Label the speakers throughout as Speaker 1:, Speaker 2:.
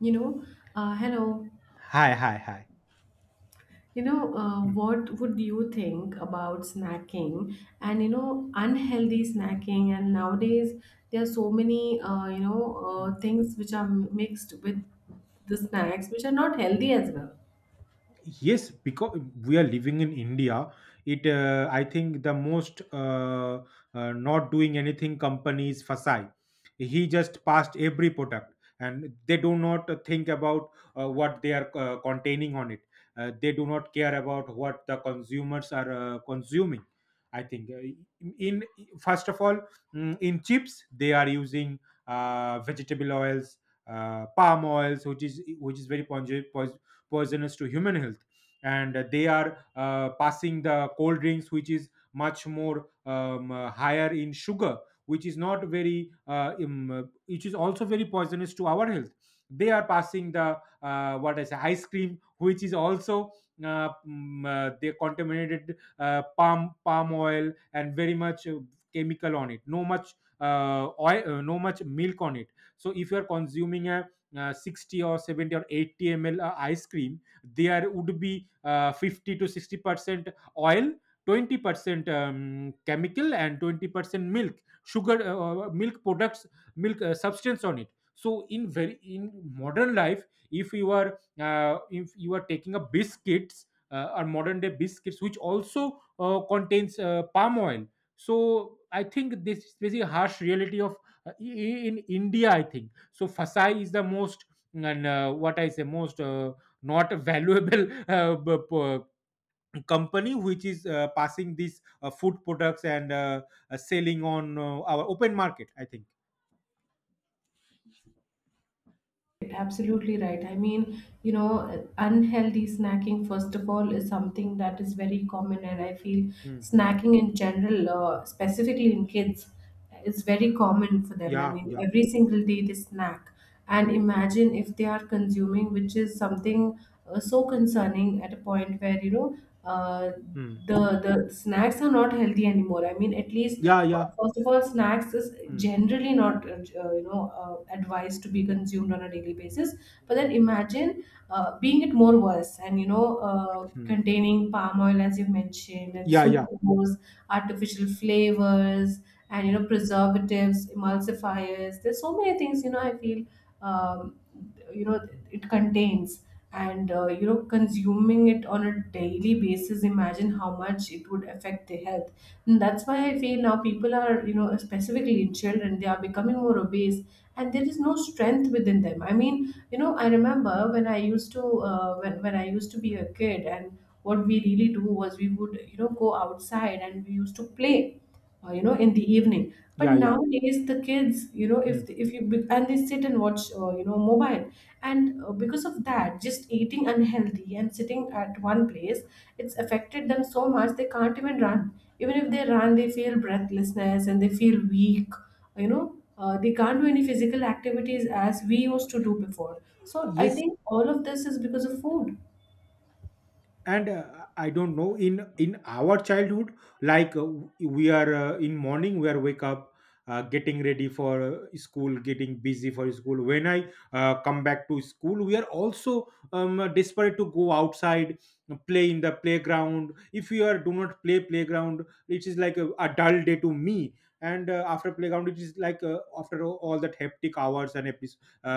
Speaker 1: You know, Hello.
Speaker 2: 係係係，嗯
Speaker 1: What would you think about snacking, and unhealthy snacking? And
Speaker 2: 嗯
Speaker 1: nowadays, there are so many,
Speaker 2: 嗯
Speaker 1: things which are mixed with the snacks, which are not
Speaker 2: 嗯。
Speaker 1: healthy as well.
Speaker 2: Yes because we are living in India. It I think the most not doing anything company is Fasai. He just passed every product and they do not think about what they are containing on it. They do not care about what the consumers are consuming. I think in first of all, in chips they are using vegetable oils, palm oils, which is very pungent, poisonous to human health. And they are passing the cold drinks which is much more higher in sugar, which is not very which is also very poisonous to our health. They are passing the what I say ice cream, which is also they contaminated palm oil and very much chemical on it, no much oil, no much milk on it. So if you are consuming a 60 or 70 or 80 ml ice cream, there would be 50 to 60% oil, 20% chemical and 20% milk, sugar, milk products, milk substance on it. So in very in modern life, if you are taking a biscuits or modern day biscuits which also contains palm oil. So I think this is very harsh reality of in India, I think so Fasai is the most and what I say most not valuable company which is passing these food products and selling on our open market. I think.
Speaker 1: Absolutely right. I mean, you know, unhealthy snacking, first of all, is something that is very common. And I feel
Speaker 2: Hmm.
Speaker 1: snacking in general, specifically in kids, is very common for them. I
Speaker 2: Yeah,
Speaker 1: mean,
Speaker 2: yeah.
Speaker 1: every single day they snack. And
Speaker 2: Mm.
Speaker 1: imagine if they are consuming, which is something so concerning, at a point where, you know, uh,
Speaker 2: Mm.
Speaker 1: the snacks are not healthy anymore, I mean, at least.
Speaker 2: Yeah, yeah.
Speaker 1: First of all, snacks is
Speaker 2: Mm.
Speaker 1: generally not, advised to be consumed on a daily basis. But then
Speaker 2: Mm.
Speaker 1: imagine being it more worse, and, you know,
Speaker 2: Mm.
Speaker 1: containing palm oil as you mentioned, and
Speaker 2: Yeah, yeah.
Speaker 1: sucrose, artificial flavors, and you
Speaker 2: Mm.
Speaker 1: know, preservatives, emulsifiers, there's so many things, you know, I feel, um, you know, it contains. And you know, consuming it on a daily basis, imagine how much it would affect their health. And that's why I feel now people are, you know, specifically in children, they are becoming more obese. And there is no strength within them, I mean, you know, I remember when I used to be a kid. And what we really do was we would, you know, go outside and we used to play, you know, in the evening. But
Speaker 2: Yeah, yeah.
Speaker 1: nowadays, the kids, you know,
Speaker 2: Mm.
Speaker 1: if and they sit and watch, you know, mobile. And because of that, just eating unhealthy and sitting at one place, it's
Speaker 2: Mm.
Speaker 1: affected them so much they can't even run. Even if they run, they feel breathlessness and they feel weak. You know, they can't do any physical activities as we used to do before, so I
Speaker 2: Yes,
Speaker 1: think all of this is because of food.
Speaker 2: and I don't know in our childhood, like, we are in morning we are wake up, getting ready for school, getting busy for school. When I come back to school, we are also desperate to go outside, play in the playground. If you are do not play playground, it is like a dull day to me. And after playground it is like after all that hectic hours and epis uh,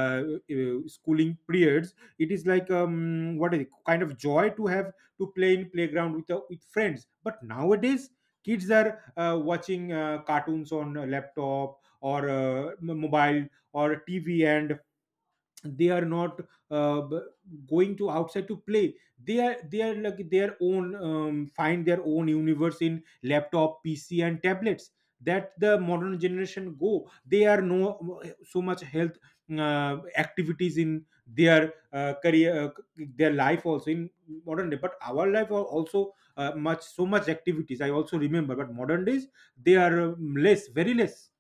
Speaker 2: schooling periods, it is like what is it, kind of joy to have to play in playground with friends. But nowadays kids are watching cartoons on a laptop or mobile or TV, and they are not uh, b- going to outside to play. They are like their own find their own universe in laptop, PC and tablets. That the modern generation go, they are no so much health activities in their career, their life also in modern day. But our life are also much so much activities, I also remember. But modern days they are less, very less.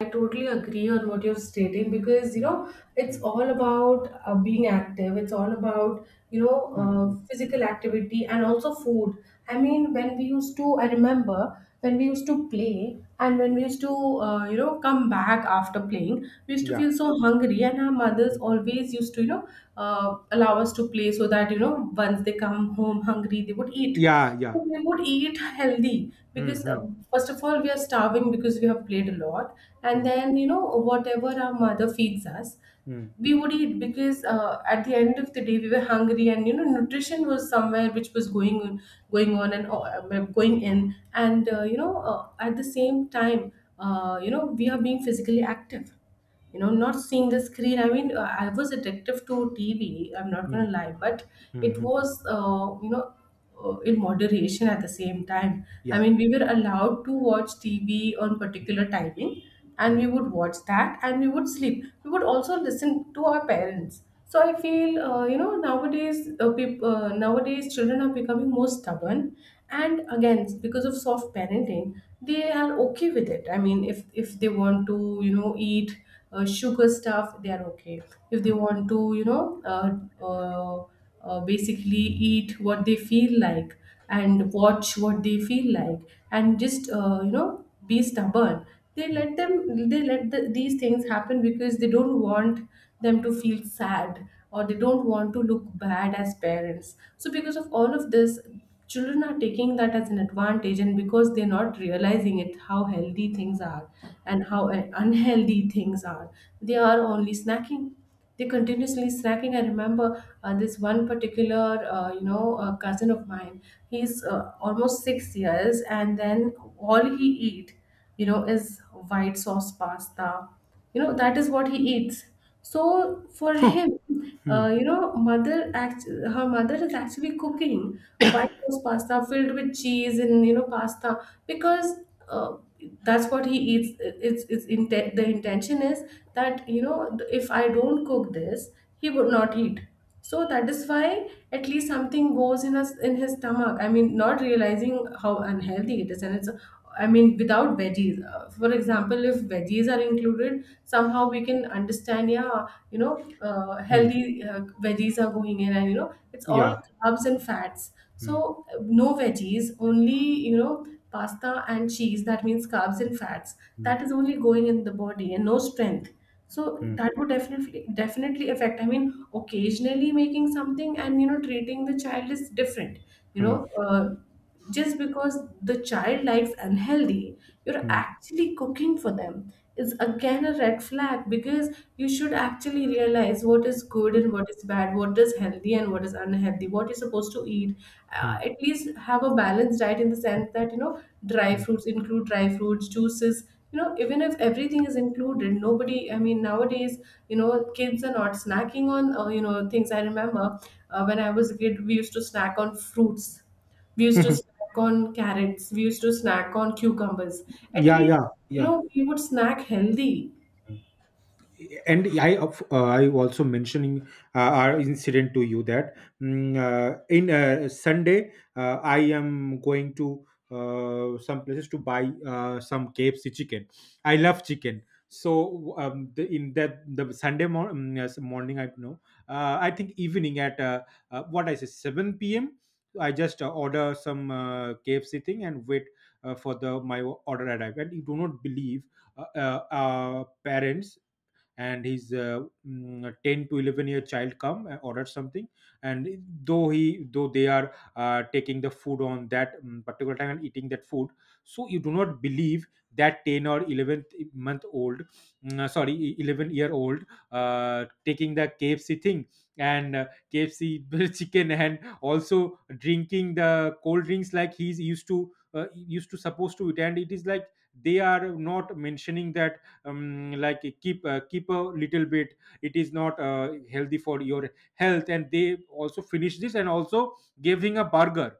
Speaker 1: I totally agree on what you're stating, because, you
Speaker 2: Hmm,
Speaker 1: know, it's
Speaker 2: hmm,
Speaker 1: all about being active. It's all about, you know,
Speaker 2: hmm, hmm.
Speaker 1: physical activity and also food. I mean, when we used to, I remember when we used to play, and when we used to you know, come back after playing, we used to feel
Speaker 2: Yeah,
Speaker 1: so hungry, and our mothers always used to, you know, allow us to play so that, you know, once they come home hungry, they would eat.
Speaker 2: yeah,
Speaker 1: So
Speaker 2: yeah.
Speaker 1: we would eat healthy
Speaker 2: Hmm,
Speaker 1: because,
Speaker 2: hmm.
Speaker 1: first of all, we are starving because we have played a lot. And
Speaker 2: 嗯
Speaker 1: then, you know, whatever our mother feeds us,
Speaker 2: 嗯
Speaker 1: we would eat, because, at the end of the day, we were hungry, and you know, nutrition was somewhere which was going on and well, going in, and you know, at the same time, you know, we are being physically active, you know, not seeing the screen. I mean, I was addictive to TV. I'm not going to
Speaker 2: 嗯
Speaker 1: lie, but
Speaker 2: 嗯
Speaker 1: it
Speaker 2: 嗯
Speaker 1: was, you know, in moderation at the same time. I
Speaker 2: 呀
Speaker 1: mean, we were allowed to watch TV on particular timing, and we
Speaker 2: 嗯
Speaker 1: would watch that and we would sleep. We would also listen to our parents. So I feel, you know, nowadays, children are becoming more stubborn. And again, because of soft parenting, they are okay with it. I mean, if they want to, you know, eat sugar stuff, they are okay. If they want to, you know, uh, basically eat what they feel like, and watch what they feel like, and just you know, be stubborn, they
Speaker 2: 嗯
Speaker 1: let them they let the, these things happen because they don't want them to feel sad, or they don't want to look bad as parents. So because of all of this, children are taking that as an advantage, and because they're not realizing it, how healthy things are and how unhealthy things are, they are only snacking. They continuously snacking. I remember this one particular, you know, cousin of mine. He's almost 6 years, and then all he eat, you know, is white sauce pasta. You know, that is what he eats. So for
Speaker 2: 哼
Speaker 1: him,
Speaker 2: 嗯
Speaker 1: you know, her mother is actually cooking white sauce pasta filled with cheese and, you know, pasta, because, uh, that's what he eats. The intention is that, you know, if I don't cook this, he would not eat. So that is why at least something goes in us, in his stomach, I mean, not realizing how unhealthy it is. And it's, I mean, without veggies. For example, if veggies are included, somehow we can understand. Yeah, you know,
Speaker 2: 嗯
Speaker 1: healthy, veggies are going in, and you know it's all
Speaker 2: 呀
Speaker 1: carbs and fats.
Speaker 2: 嗯
Speaker 1: So no veggies, only, you know, pasta and cheese, that means carbs and fats. That is
Speaker 2: 嗯
Speaker 1: only going in the body and no strength. So
Speaker 2: 嗯
Speaker 1: that would definitely definitely affect. I mean, occasionally making something and, you know, treating the child is different. You know,
Speaker 2: 嗯
Speaker 1: just because the child likes unhealthy, you're
Speaker 2: 嗯
Speaker 1: actually cooking for them, is again a red flag. Because you should actually realize what is good and what is bad, what is healthy and what is unhealthy, what you're supposed to eat. Uh,
Speaker 2: 嗯
Speaker 1: at least have a balanced diet in the sense that, you know, dry fruits, include dry fruits, juices, you know, even if everything is included. Nobody, I mean, nowadays, you know, kids are not snacking on, you know, things. I remember when I was a kid, we used to snack on fruits. We used to
Speaker 2: 嗯
Speaker 1: snack on carrots. We used to snack on cucumbers. At
Speaker 2: 呀
Speaker 1: least,
Speaker 2: 呀
Speaker 1: you
Speaker 2: 呀。
Speaker 1: know, we would snack healthy.
Speaker 2: and I also mentioning our incident to you that in Sunday I am going to some places to buy some KFC chicken. I love chicken. So the, in that the Sunday yes, morning I know, I think evening at what I say 7 p.m. I just order some KFC thing and wait for the my order arrive. And you do not believe parents and his 10 to 11 year child come and ordered something, and though he though they are taking the food on that particular time and eating that food. So you do not believe that 10 or 11-month old, sorry, 11-year-old taking the KFC thing and KFC chicken, and also drinking the cold drinks like he's used to supposed to it. And it is like they are not mentioning that like keep a little bit, it is not healthy for your health. And they also finished this and also gave him a burger,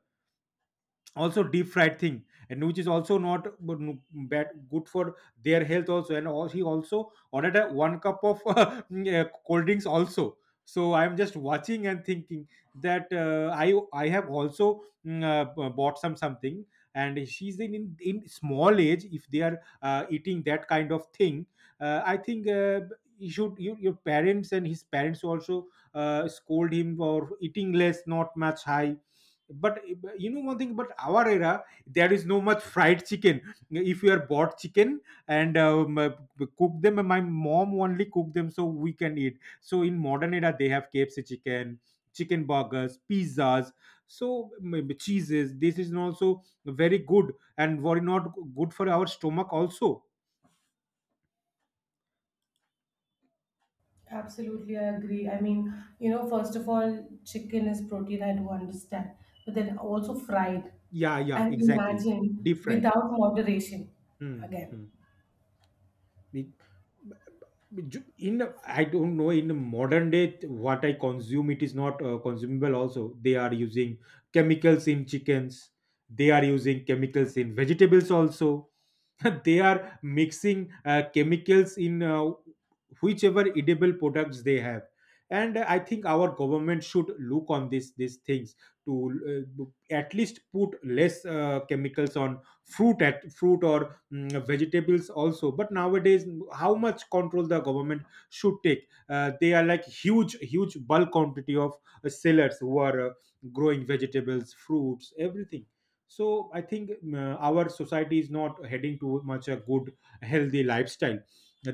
Speaker 2: also deep fried thing, and which is also not good, bad good for their health also. And all, he also ordered a one cup of yeah, cold drinks also. So I'm just watching and thinking that I have also bought some something, and she's in small age. If they are eating that kind of thing, I think you should your parents and his parents also scold him for eating less, not much high. But you know one thing, but our era there is no much fried chicken. If you are bought chicken and cook them, my mom only cook them so we can eat. So in modern era they have KFC chicken, chicken burgers, pizzas. So maybe cheeses, this is also very good and very not good for our stomach also.
Speaker 1: Absolutely, I agree. I mean, you know, first of all, chicken is protein, I do understand. But then also fried.
Speaker 2: Yeah, yeah,
Speaker 1: And
Speaker 2: exactly.
Speaker 1: imagine
Speaker 2: Deep fried.
Speaker 1: without moderation,
Speaker 2: Hmm,
Speaker 1: again.
Speaker 2: hmm. Be- in, I don't know in modern day what I consume, it is not consumable also. They are using chemicals in chickens, they are using chemicals in vegetables also. They are mixing chemicals in whichever edible products they have. And I think our government should look on this these things to at least put less chemicals on fruit at fruit or vegetables also. But nowadays, how much control the government should take? They are like huge bulk quantity of sellers who are growing vegetables, fruits, everything. So I think our society is not heading to much a good healthy lifestyle.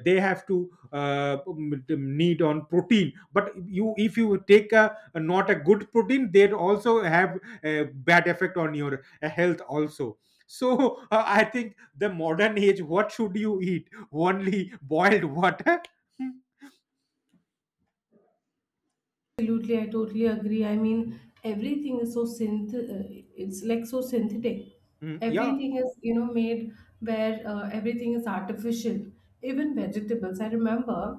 Speaker 2: They have to need on protein. But you if you take a not a good protein, they also have a bad effect on your health also. So I think the modern age what should you eat, only boiled water.
Speaker 1: Absolutely, I totally agree. I mean, everything is it's like so synthetic.
Speaker 2: Mm, yeah.
Speaker 1: Everything is, you know, made, where everything is artificial. Even vegetables. I remember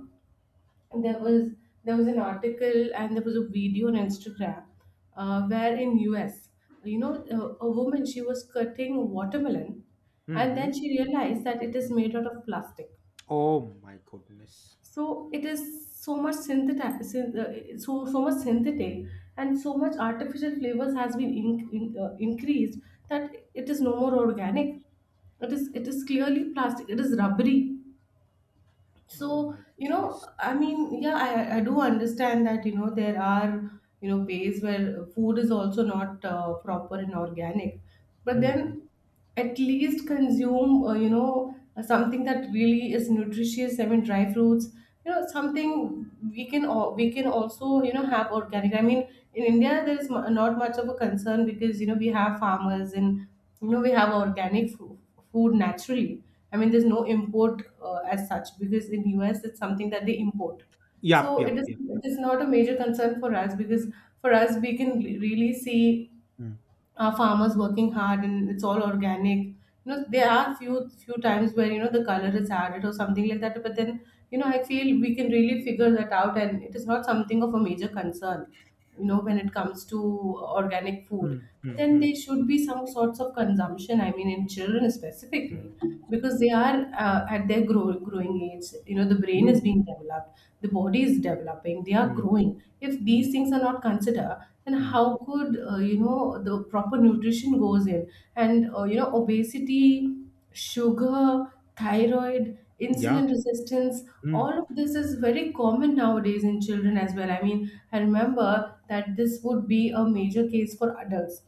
Speaker 1: there was, an article, and there was a video on Instagram, where in US, you know, a woman, she was cutting watermelon, and then
Speaker 2: Mm-hmm.
Speaker 1: she realized that it is made out of plastic.
Speaker 2: Oh my goodness.
Speaker 1: So it is so much synthetic, and so much artificial flavors has been increased, that it is no more organic. It is clearly plastic, it is rubbery.
Speaker 2: Oh
Speaker 1: So,
Speaker 2: my
Speaker 1: you know,
Speaker 2: goodness.
Speaker 1: I mean, yeah, I do understand that, you know, there are, you know, ways where food is also not proper and organic. But
Speaker 2: Mm-hmm.
Speaker 1: then at least consume, you know, something that really is nutritious. I mean, dry fruits, you know, something we can also, you know, have organic. I mean, in India, there is not much of a concern, because, you know, we have farmers, and you know, we have organic food naturally. I mean, there's no import as such, because in US, it's something that they import.
Speaker 2: Yep,
Speaker 1: So it
Speaker 2: yep,
Speaker 1: is
Speaker 2: yep,
Speaker 1: it
Speaker 2: yep.
Speaker 1: is not a major concern for us, because for us we can really see
Speaker 2: Mm.
Speaker 1: farmers working hard, and it's all organic. You know, there are few times where, you know, the color is added or something like that, but then, you know, I feel we can really figure that out, and it is not something of a major concern, you know, when it comes to organic food.
Speaker 2: Mm,
Speaker 1: But
Speaker 2: mm,
Speaker 1: then
Speaker 2: mm,
Speaker 1: there should be some sorts of consumption, I mean, in children specifically,
Speaker 2: mm.
Speaker 1: because they are, at their growing age, you know, the brain is
Speaker 2: Mm,
Speaker 1: being developed, the body is developing, they are
Speaker 2: mm,
Speaker 1: growing. If
Speaker 2: mm,
Speaker 1: these things are not considered, then
Speaker 2: mm.
Speaker 1: how could, you know, the proper nutrition goes in. And you know, obesity, sugar, thyroid,
Speaker 2: Yeah.
Speaker 1: insulin resistance,
Speaker 2: Mm,
Speaker 1: all of this is very common nowadays in children as well. I mean, I remember that this would be a major case for adults,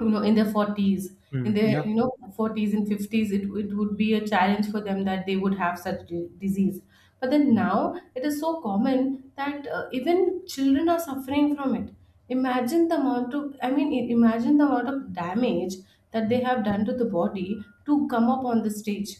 Speaker 1: you know, in their 40s, in
Speaker 2: mm.
Speaker 1: their,
Speaker 2: Yeah.
Speaker 1: you know, 40s and 50s. It would be a challenge for them, that they would have such disease. But then
Speaker 2: Mm,
Speaker 1: now it is so common that even children are suffering from it. Imagine the amount of, I mean, imagine the amount of damage that they
Speaker 2: mm.
Speaker 1: have done to the body to come up on the stage.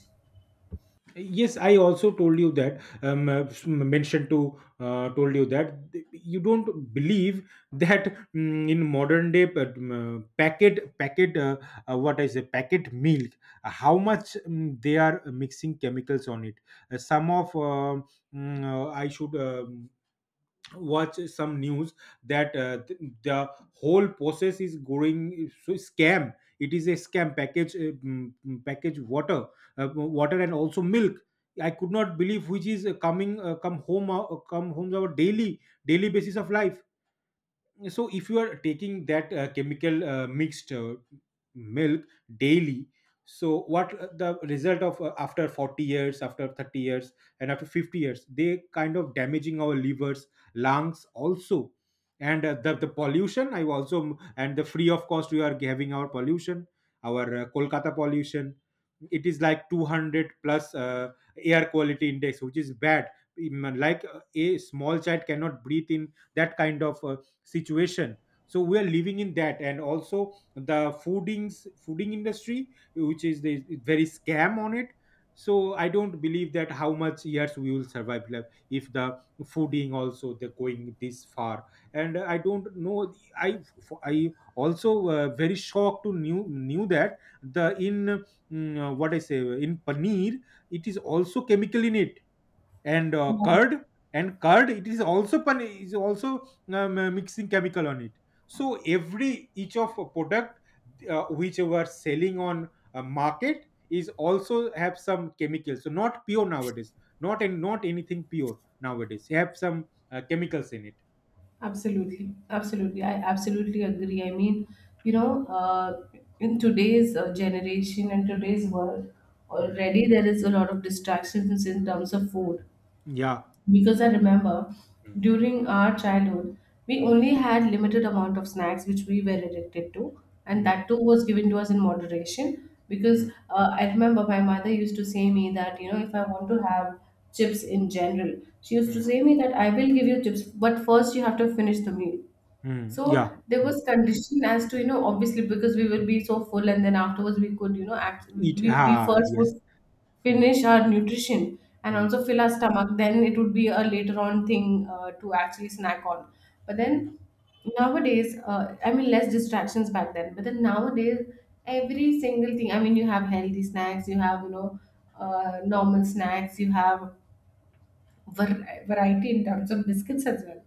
Speaker 2: Yes, I also told you that mentioned to told you that you don't believe that in modern day pa- mm, packet packet what I say packet milk, how much they are mixing chemicals on it. Some of I should watch some news that the whole process is going so scam. It is a scam package package water, water and also milk. I could not believe which is coming come home come homes, our daily, daily basis of life. So if you are taking that chemical mixed milk daily, so what the result of after 40 years, after 30 years, and after 50 years, they kind of damaging our livers, lungs also. And the pollution, I also, and the free of cost we are having our pollution, our Kolkata pollution. It is like 200 plus air quality index, which is bad. Like a small child cannot breathe in that kind of situation. So we are living in that, and also the foodings fooding industry, which is the very scam on it. So I don't believe that how much years we will survive, like, if the fooding also they're going this far. And I don't know, i I also very shocked to knew that the in what I say in paneer, it is also chemical in it. And
Speaker 1: Yeah.
Speaker 2: curd and curd, it is also is also mixing chemical on it. So every each of a product which you are selling on a market is also have some chemicals. So not pure nowadays, not and not anything pure nowadays have some chemicals in it.
Speaker 1: Absolutely, absolutely. I absolutely agree. I mean, you know, in today's generation and today's world,
Speaker 2: Hmm.
Speaker 1: already there is a lot of distractions in terms of food.
Speaker 2: Yeah.
Speaker 1: Because I remember
Speaker 2: Hmm.
Speaker 1: during our childhood, we
Speaker 2: Hmm.
Speaker 1: only had limited amount of snacks which we were addicted to, and
Speaker 2: Hmm. Yeah.
Speaker 1: that too was given to us in moderation. Because
Speaker 2: Hmm.
Speaker 1: I remember my mother used to say me that, you know, if I want to have chips in general, she used to
Speaker 2: Hmm.
Speaker 1: say me that I will give you chips, but first you have to finish the meal.
Speaker 2: Hmm.
Speaker 1: So
Speaker 2: Yeah.
Speaker 1: there
Speaker 2: Hmm.
Speaker 1: was condition as to, you know, obviously because we will
Speaker 2: Hmm.
Speaker 1: be so full, and then afterwards we could, you know, act, we,
Speaker 2: It,
Speaker 1: we we
Speaker 2: ah,
Speaker 1: first
Speaker 2: yes.
Speaker 1: would
Speaker 2: Hmm.
Speaker 1: finish our nutrition and
Speaker 2: Hmm.
Speaker 1: also fill our stomach. Then it would be a later on thing to actually snack on. But
Speaker 2: Hmm.
Speaker 1: then nowadays, I mean, less distractions back then. But then nowadays, every single thing, I mean, you have healthy snacks, you have, you know, normal snacks, you have variety in terms of biscuits as well.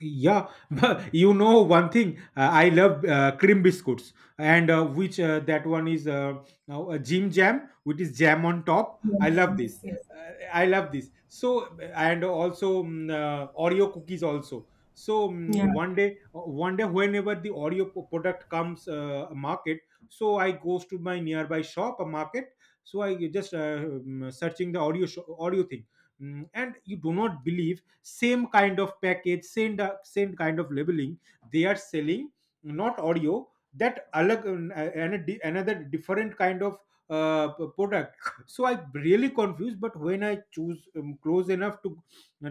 Speaker 2: Yeah, you know one thing. I love cream biscuits, and which that one is now a Jim Jam, which is jam on top. I
Speaker 1: Yes,
Speaker 2: love
Speaker 1: yes,
Speaker 2: this.
Speaker 1: yes.
Speaker 2: I love this. So and also Oreo cookies also. So
Speaker 1: Yeah.
Speaker 2: one day, whenever the Oreo product comes market, so I goes to my nearby shop, a market. So I just searching the Oreo audio thing. And you do not believe same kind of package, same kind of labeling they are selling, not audio, that another different kind of product. So I really confused, but when I choose close enough to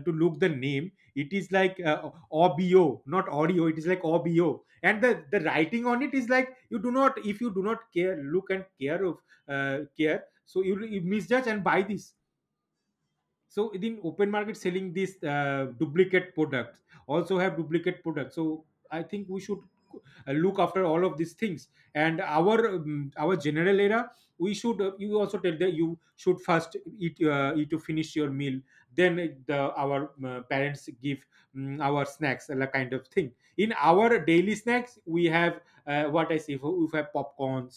Speaker 2: look the name, it is like obo, not audio. It is like obo, and the writing on it is like, you do not, if you do not care look and care of care, so you misjudge and buy this. So in open market selling these duplicate products, also have duplicate products. So I think we should look after all of these things. And our general era, we should you also tell that you should first eat, eat to finish your meal, then the our parents give our snacks and that kind of thing. In our daily snacks, we have, what I say, if we have popcorn,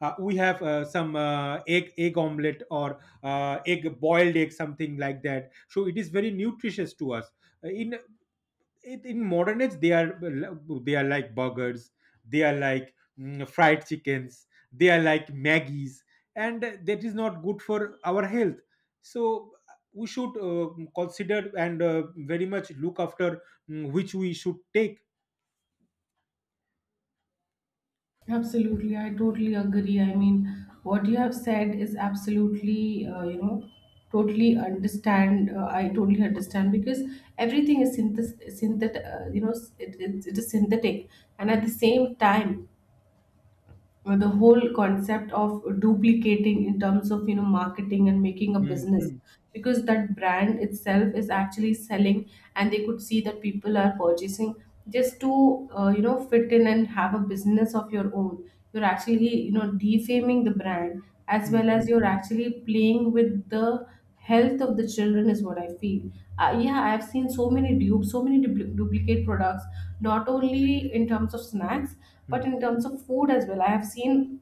Speaker 2: we have some egg omelette or egg, boiled egg, something like that. So it is very nutritious to us. In in modern age, they are, they are like burgers, they are like, fried chickens, they are like maggies, and that is not good for our health. So we should consider and very much look after, which we should take.
Speaker 1: Absolutely, I totally agree. I mean, what you have said is absolutely, you know, totally understand. I totally understand because everything is synthet, you know, it is synthetic, and at
Speaker 2: Mm.
Speaker 1: the same time, the whole concept of duplicating in terms of, you know, marketing and making a
Speaker 2: Mm,
Speaker 1: business,
Speaker 2: mm,
Speaker 1: because that brand itself is actually selling and they could see that people are purchasing, just to, you know, fit in and have a business of your own, you're actually, you know, defaming the brand as
Speaker 2: mm,
Speaker 1: well as
Speaker 2: mm,
Speaker 1: you're actually playing with the
Speaker 2: mm,
Speaker 1: health of the children, is what I feel. Yeah, I've seen so many dupes, so many duplicate products, not only in terms of snacks but in
Speaker 2: mm.
Speaker 1: terms of food as well. I have seen,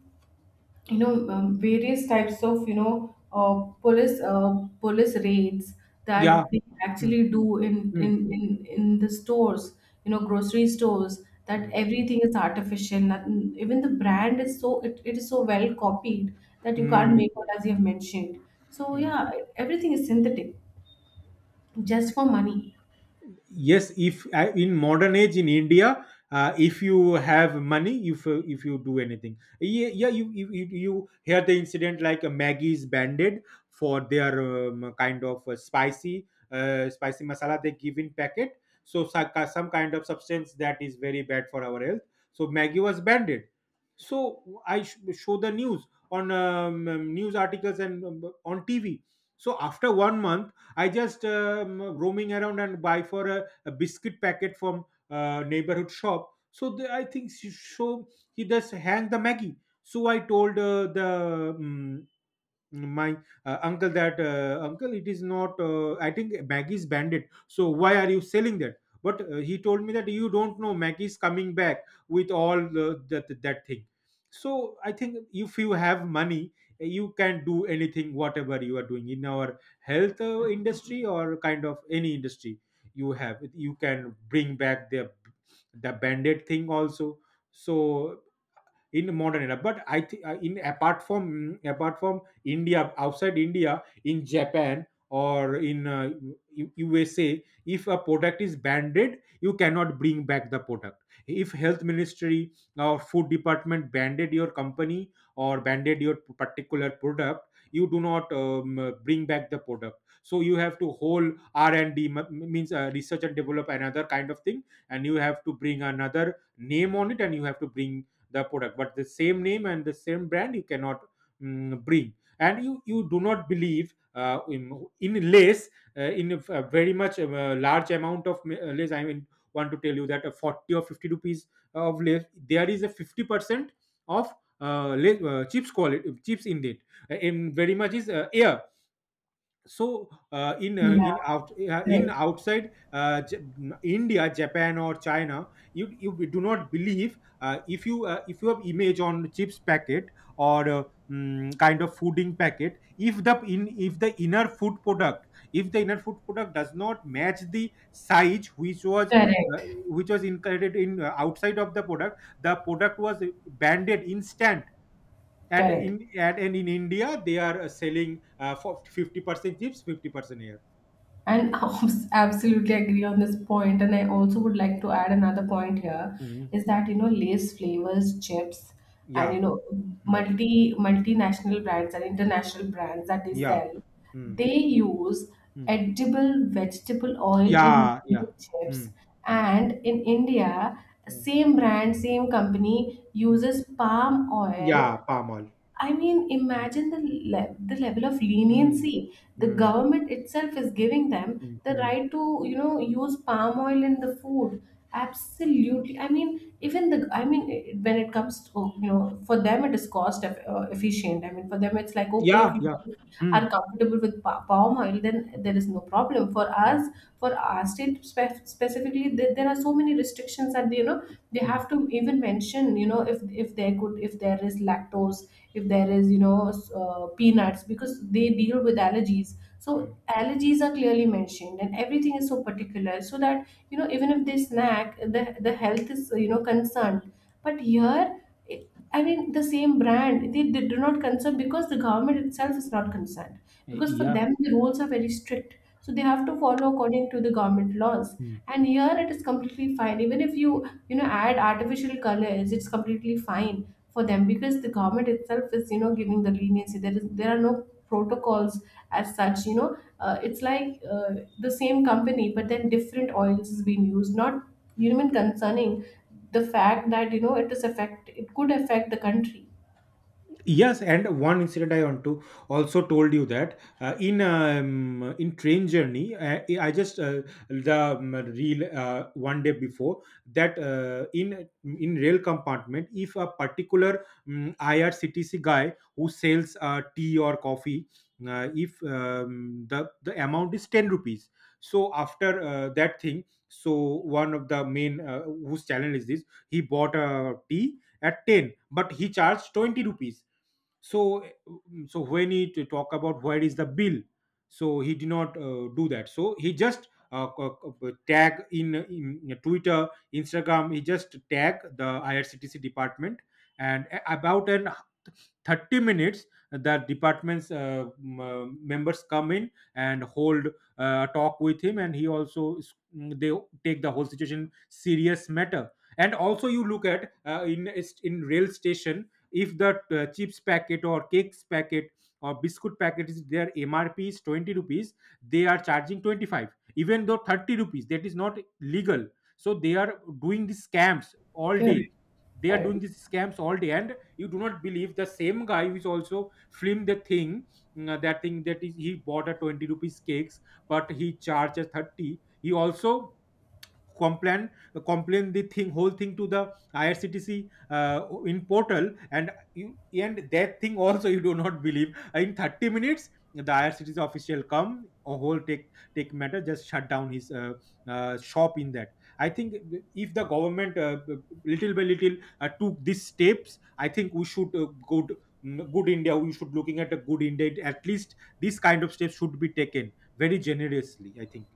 Speaker 1: you know, various types of, you know, police uh, police raids
Speaker 2: Yeah.
Speaker 1: that they
Speaker 2: Mm,
Speaker 1: actually do in,
Speaker 2: mm,
Speaker 1: in the stores, you know, grocery stores, that
Speaker 2: mm.
Speaker 1: everything is artificial, nothing, even the brand, is so, it is so well copied that you can't
Speaker 2: Mm,
Speaker 1: make out, as you have mentioned. So
Speaker 2: mm.
Speaker 1: yeah, everything is synthetic, just for money.
Speaker 2: Yes, if in modern age in India, if you have money, if you do anything, yeah, yeah. You hear the incident like a Maggie is banded for their kind of spicy masala they give in packet. So some kind of substance that is very bad for our health. So Maggie was banded. So I show the news on news articles and on tv. So after 1 month I just roaming around and buy for a biscuit packet from neighborhood shop. So I think she show, he just hang the maggie. So I told the my uncle that, uncle, it is not, I think maggie is bandit, so why are you selling that? But he told me that you don't know, maggie is coming back with all the, that thing. So I think if you have money, you can do anything, whatever you are doing in our health industry or kind of any industry. You have, you can bring back the bandit thing also. So in modern era, but I think, in apart from, apart from India, outside India, in Japan or in USA, if a product is banded, you cannot bring back the product. If health ministry or food department banded your company or banded your particular product, you do not bring back the product. So you have to whole R&D, means research and develop another kind of thing, and you have to bring another name on it and you have to bring the product. But the same name and the same brand, you cannot, bring. And you do not believe, in lace, in a very much large amount of lace, I mean, want to tell you that a 40 or 50 rupees of lace, there is a 50% of chips, quality chips in it. In very much is air. So
Speaker 1: Yeah,
Speaker 2: in
Speaker 1: correct,
Speaker 2: outside, India, Japan, or China, you do not believe, if you, if you have image on chips packet or kind of fooding packet, if the in, if the inner food product, if the inner food product does not match the size uh,
Speaker 1: correct,
Speaker 2: which was included in outside of the product, the product was banded instant. And
Speaker 1: correct.
Speaker 2: in, and in India, they are selling for 50% chips, 50% air.
Speaker 1: And absolutely agree on this point. And I also
Speaker 2: Mm.
Speaker 1: would like to add another point here,
Speaker 2: Mm.
Speaker 1: is that, you know, Lay's flavors, chips, and you
Speaker 2: Yeah.
Speaker 1: know,
Speaker 2: Mm.
Speaker 1: multinational brands and international brands that they
Speaker 2: Yeah.
Speaker 1: sell,
Speaker 2: Mm.
Speaker 1: they use
Speaker 2: Mm.
Speaker 1: edible vegetable oil in
Speaker 2: Yeah, yeah.
Speaker 1: their chips.
Speaker 2: Mm. Mm.
Speaker 1: And in India,
Speaker 2: Mm.
Speaker 1: same brand, same company
Speaker 2: Mm.
Speaker 1: uses palm oil.
Speaker 2: Yeah, palm oil.
Speaker 1: I mean,
Speaker 2: Mm.
Speaker 1: imagine the, the level of
Speaker 2: Mm.
Speaker 1: leniency the
Speaker 2: Mm.
Speaker 1: government itself is giving them
Speaker 2: Mm.
Speaker 1: the
Speaker 2: Mm.
Speaker 1: right to, you know, use palm oil in the food. Absolutely. I mean, even the, I mean, when it comes to, oh, you know, for them it is cost efficient. I mean, for them it's like, okay, if
Speaker 2: Yeah,
Speaker 1: you
Speaker 2: yeah.
Speaker 1: guys are
Speaker 2: Mm.
Speaker 1: comfortable with palm oil, then
Speaker 2: Mm.
Speaker 1: there is no problem. For
Speaker 2: Mm.
Speaker 1: us, for our state specifically, there are so many restrictions that, you know, they
Speaker 2: Mm.
Speaker 1: have to even mention, you know, if there could, if there is lactose, if there is, you know, peanuts, because they deal with allergies, so
Speaker 2: Mm.
Speaker 1: allergies are clearly mentioned and everything is so particular so that, you know, even if they snack, the health is, you know, concerned. But here, I mean, the same brand, they do not concern because the government itself is not concerned. Because for
Speaker 2: Yeah.
Speaker 1: them, the rules are very strict. So they have to follow according to the government laws. And here it is completely fine. Even if you, you know, add artificial colors, it's completely fine for them, because the government itself is, you know, giving the leniency. There is, there are no protocols as such, you know. It's like, the same company but then different oils is being used, not even concerning the fact that, you know, it is affect, it could affect the country.
Speaker 2: Yes, and one incident I want to also told you that, in train journey, I just the reel, one day before, that in rail compartment, if a particular IRCTC guy who sells tea or coffee, if the the amount is 10 rupees, so after that thing, so one of the main, whose channel is this, he bought a tea at 10, but he charged 20 rupees. So, eh, mm, so when he to talk about, where is the bill? So he did not do that, so he just tag in twitter, instagram, he just tag the IRCTC department. And about an 30 minutes, the department's members come in and hold talk with him, and he also they take the whole situation serious matter. And also you look at, in rail station, if the chips packet or cakes packet or biscuit packet is, their MRP is 20 rupees, they are charging 25, even though 30 rupees, that is not legal. So they are doing these scams all day,
Speaker 1: Correct,
Speaker 2: they are
Speaker 1: correct.
Speaker 2: doing these scams all day. And you do not believe, the same guy who is also filmed the thing, that thing, that is, he bought a 20 rupees cakes, but he charges 30. He also complain, complain the thing, whole thing, to the IRCTC, in portal. And you, and that thing also you do not believe, in 30 minutes, the IRCTC official come a whole, take, take matter, just shut down his shop. In that, I think if the government, little by little, took these steps, I think we should go to, good India, we should looking at a good India. At least this kind of steps should be taken very generously, I think.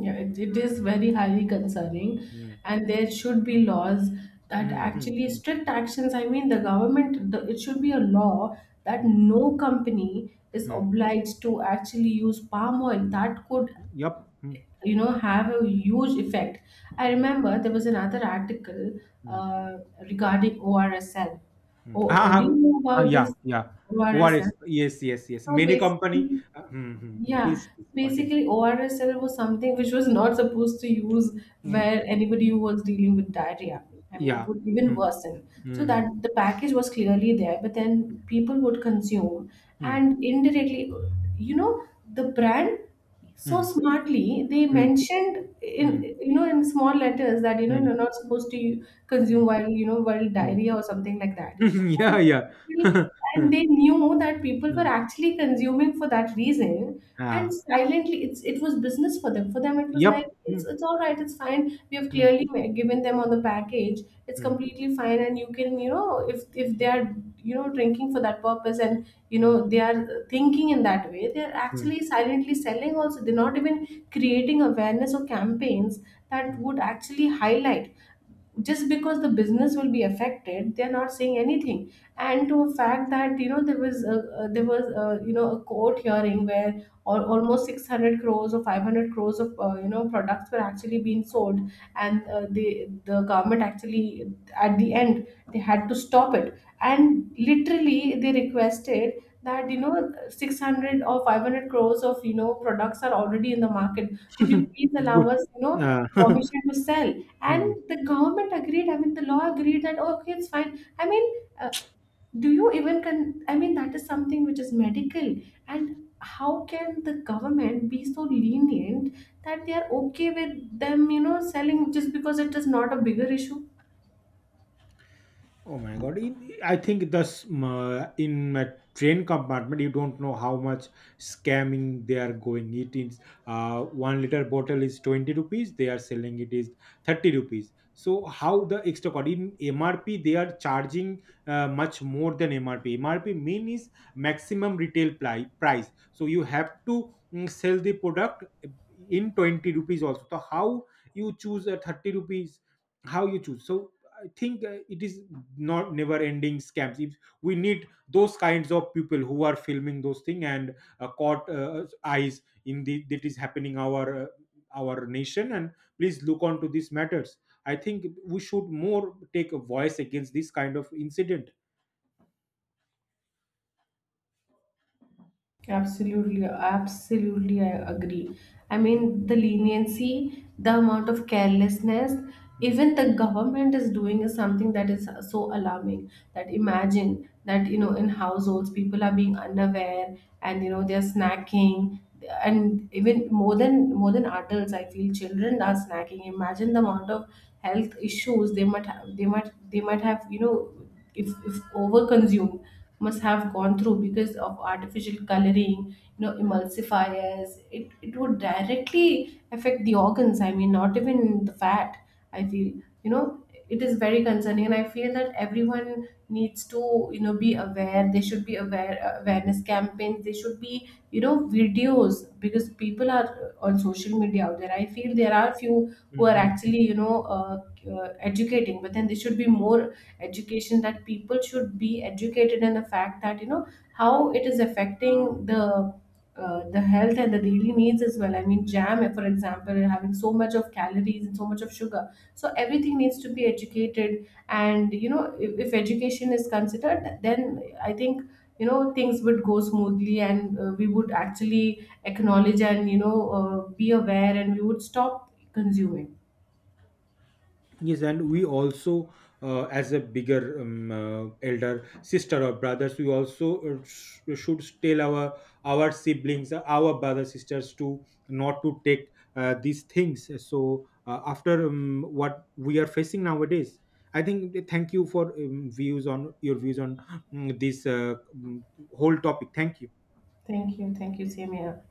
Speaker 1: Yeah, it is very highly concerning,
Speaker 2: Mm,
Speaker 1: and there should be laws that
Speaker 2: mm, mm,
Speaker 1: actually
Speaker 2: mm,
Speaker 1: strict actions. I mean, the government, the, it should be a law that
Speaker 2: mm.
Speaker 1: no company is
Speaker 2: Hmm.
Speaker 1: obliged to actually use palm oil. That could,
Speaker 2: Yup. Hmm.
Speaker 1: you know, have a huge effect. I
Speaker 2: Hmm.
Speaker 1: remember there was another article
Speaker 2: Hmm.
Speaker 1: regarding ORSL.
Speaker 2: Hmm.
Speaker 1: Oh,
Speaker 2: Ah,
Speaker 1: do
Speaker 2: ah,
Speaker 1: you know
Speaker 2: ah,
Speaker 1: about
Speaker 2: yeah,
Speaker 1: this
Speaker 2: yeah. ORS.
Speaker 1: ORSL?
Speaker 2: Yes, yes, yes.
Speaker 1: So
Speaker 2: Many company.
Speaker 1: basically,
Speaker 2: Hmm. Mm, mm.
Speaker 1: yeah,
Speaker 2: Please, please continue.
Speaker 1: basically ORSL was something which was not supposed to use
Speaker 2: Hmm.
Speaker 1: where anybody who was dealing with diarrhea. I mean, it
Speaker 2: Yeah.
Speaker 1: would even
Speaker 2: Hmm.
Speaker 1: worsen. So
Speaker 2: Hmm.
Speaker 1: that the package was clearly there, but then people would consume,
Speaker 2: Hmm.
Speaker 1: and indirectly, you know, the brand, so
Speaker 2: Hmm.
Speaker 1: smartly they mentioned in,
Speaker 2: Hmm.
Speaker 1: you know, in small letters, that, you know,
Speaker 2: Hmm.
Speaker 1: you're not supposed to
Speaker 2: Hmm.
Speaker 1: consume while, you know, while
Speaker 2: Mm,
Speaker 1: diarrhea or something like that.
Speaker 2: mm, mm. Yeah,
Speaker 1: And
Speaker 2: yeah.
Speaker 1: and they knew that people
Speaker 2: Mm,
Speaker 1: were
Speaker 2: mm.
Speaker 1: actually consuming for that reason, and
Speaker 2: Ah,
Speaker 1: silently, it's, it was business for them. For them it was like,
Speaker 2: yep. Hmm.
Speaker 1: it's all right, it's fine, we have
Speaker 2: Hmm.
Speaker 1: clearly given them on the package, it's
Speaker 2: Hmm.
Speaker 1: completely fine. And you can, you know, if they
Speaker 2: Hmm.
Speaker 1: are, you know, drinking for that purpose and you know
Speaker 2: Hmm.
Speaker 1: they are thinking in that way, they're
Speaker 2: Hmm.
Speaker 1: actually silently selling also, they're not even creating awareness or campaigns that would actually highlight. Just because the business will be affected, they're not saying anything. And to a fact that, you know, there was there was a, you know, a court hearing where almost 600 crores or 500 crores of, you know, products were actually being sold, and the government actually, at the end, they had to stop it, and literally they requested that, you know, 600 or 500 crores of, you know, products are already in the market, could you please allow
Speaker 2: Good.
Speaker 1: us, you know,
Speaker 2: Uh,
Speaker 1: permission to sell. And
Speaker 2: mm.
Speaker 1: the government agreed, I mean, the law agreed that, "Oh, okay, it's fine, I mean, uh, do you even con, I mean, that is something which is medical." And how can the government be so lenient that they are okay with them, you know, selling, just because it is not a bigger issue?
Speaker 2: Oh my god! I think thus, in a train compartment, you don't know how much scamming they are going. It is, 1 liter bottle is 20 rupees. They are selling, it is 30 rupees. So how the extra cost in MRP they are charging, much more than MRP. MRP mean is maximum retail price. So you have to, sell the product in 20 rupees also. So how you choose a 30 rupees? How you choose? So I think it is not never ending scams. If we need those kinds of people who are filming those things, and caught eyes in the, that is happening our nation, and please look onto these matters. I think we should more take a voice against this kind of incident.
Speaker 1: Absolutely, absolutely, I agree. I
Speaker 2: Mm,
Speaker 1: mean, the leniency, the amount of carelessness
Speaker 2: mm.
Speaker 1: even the government is doing is something that is so alarming. That imagine that, you know, in households people are being unaware, and you know they're snacking, and even more than, more than adults, I feel children are snacking. Imagine the amount of health issues they might have, they might have, you know, if over must have gone through because of artificial coloring, you know, emulsifiers. It would directly affect the organs. I mean, not even the fat. I feel, you know, it is very concerning, and I feel that everyone needs to, you know, be aware. They should be aware, awareness campaigns. They should be, you know, videos, because people are on social media out there. I feel there are few who are
Speaker 2: Mhm.
Speaker 1: actually, you know, educating, but then there should be more education, that people should be educated in the fact that, you know, how it is affecting the health and the daily needs as well. I mean, jam, for example, having so much of calories and so much of sugar. So everything needs to be educated, and you know, if education is considered, then I think, you know, things would go smoothly, and we would actually acknowledge and, you know, be aware, and we would stop consuming.
Speaker 2: Yes, and we also, as a bigger, elder sister or brothers, we also should tell our siblings, our brother sisters, to not to take these things. So after, what we are facing nowadays, I think. Thank you for views on your views on, this whole topic. Thank you.
Speaker 1: Thank you, same here.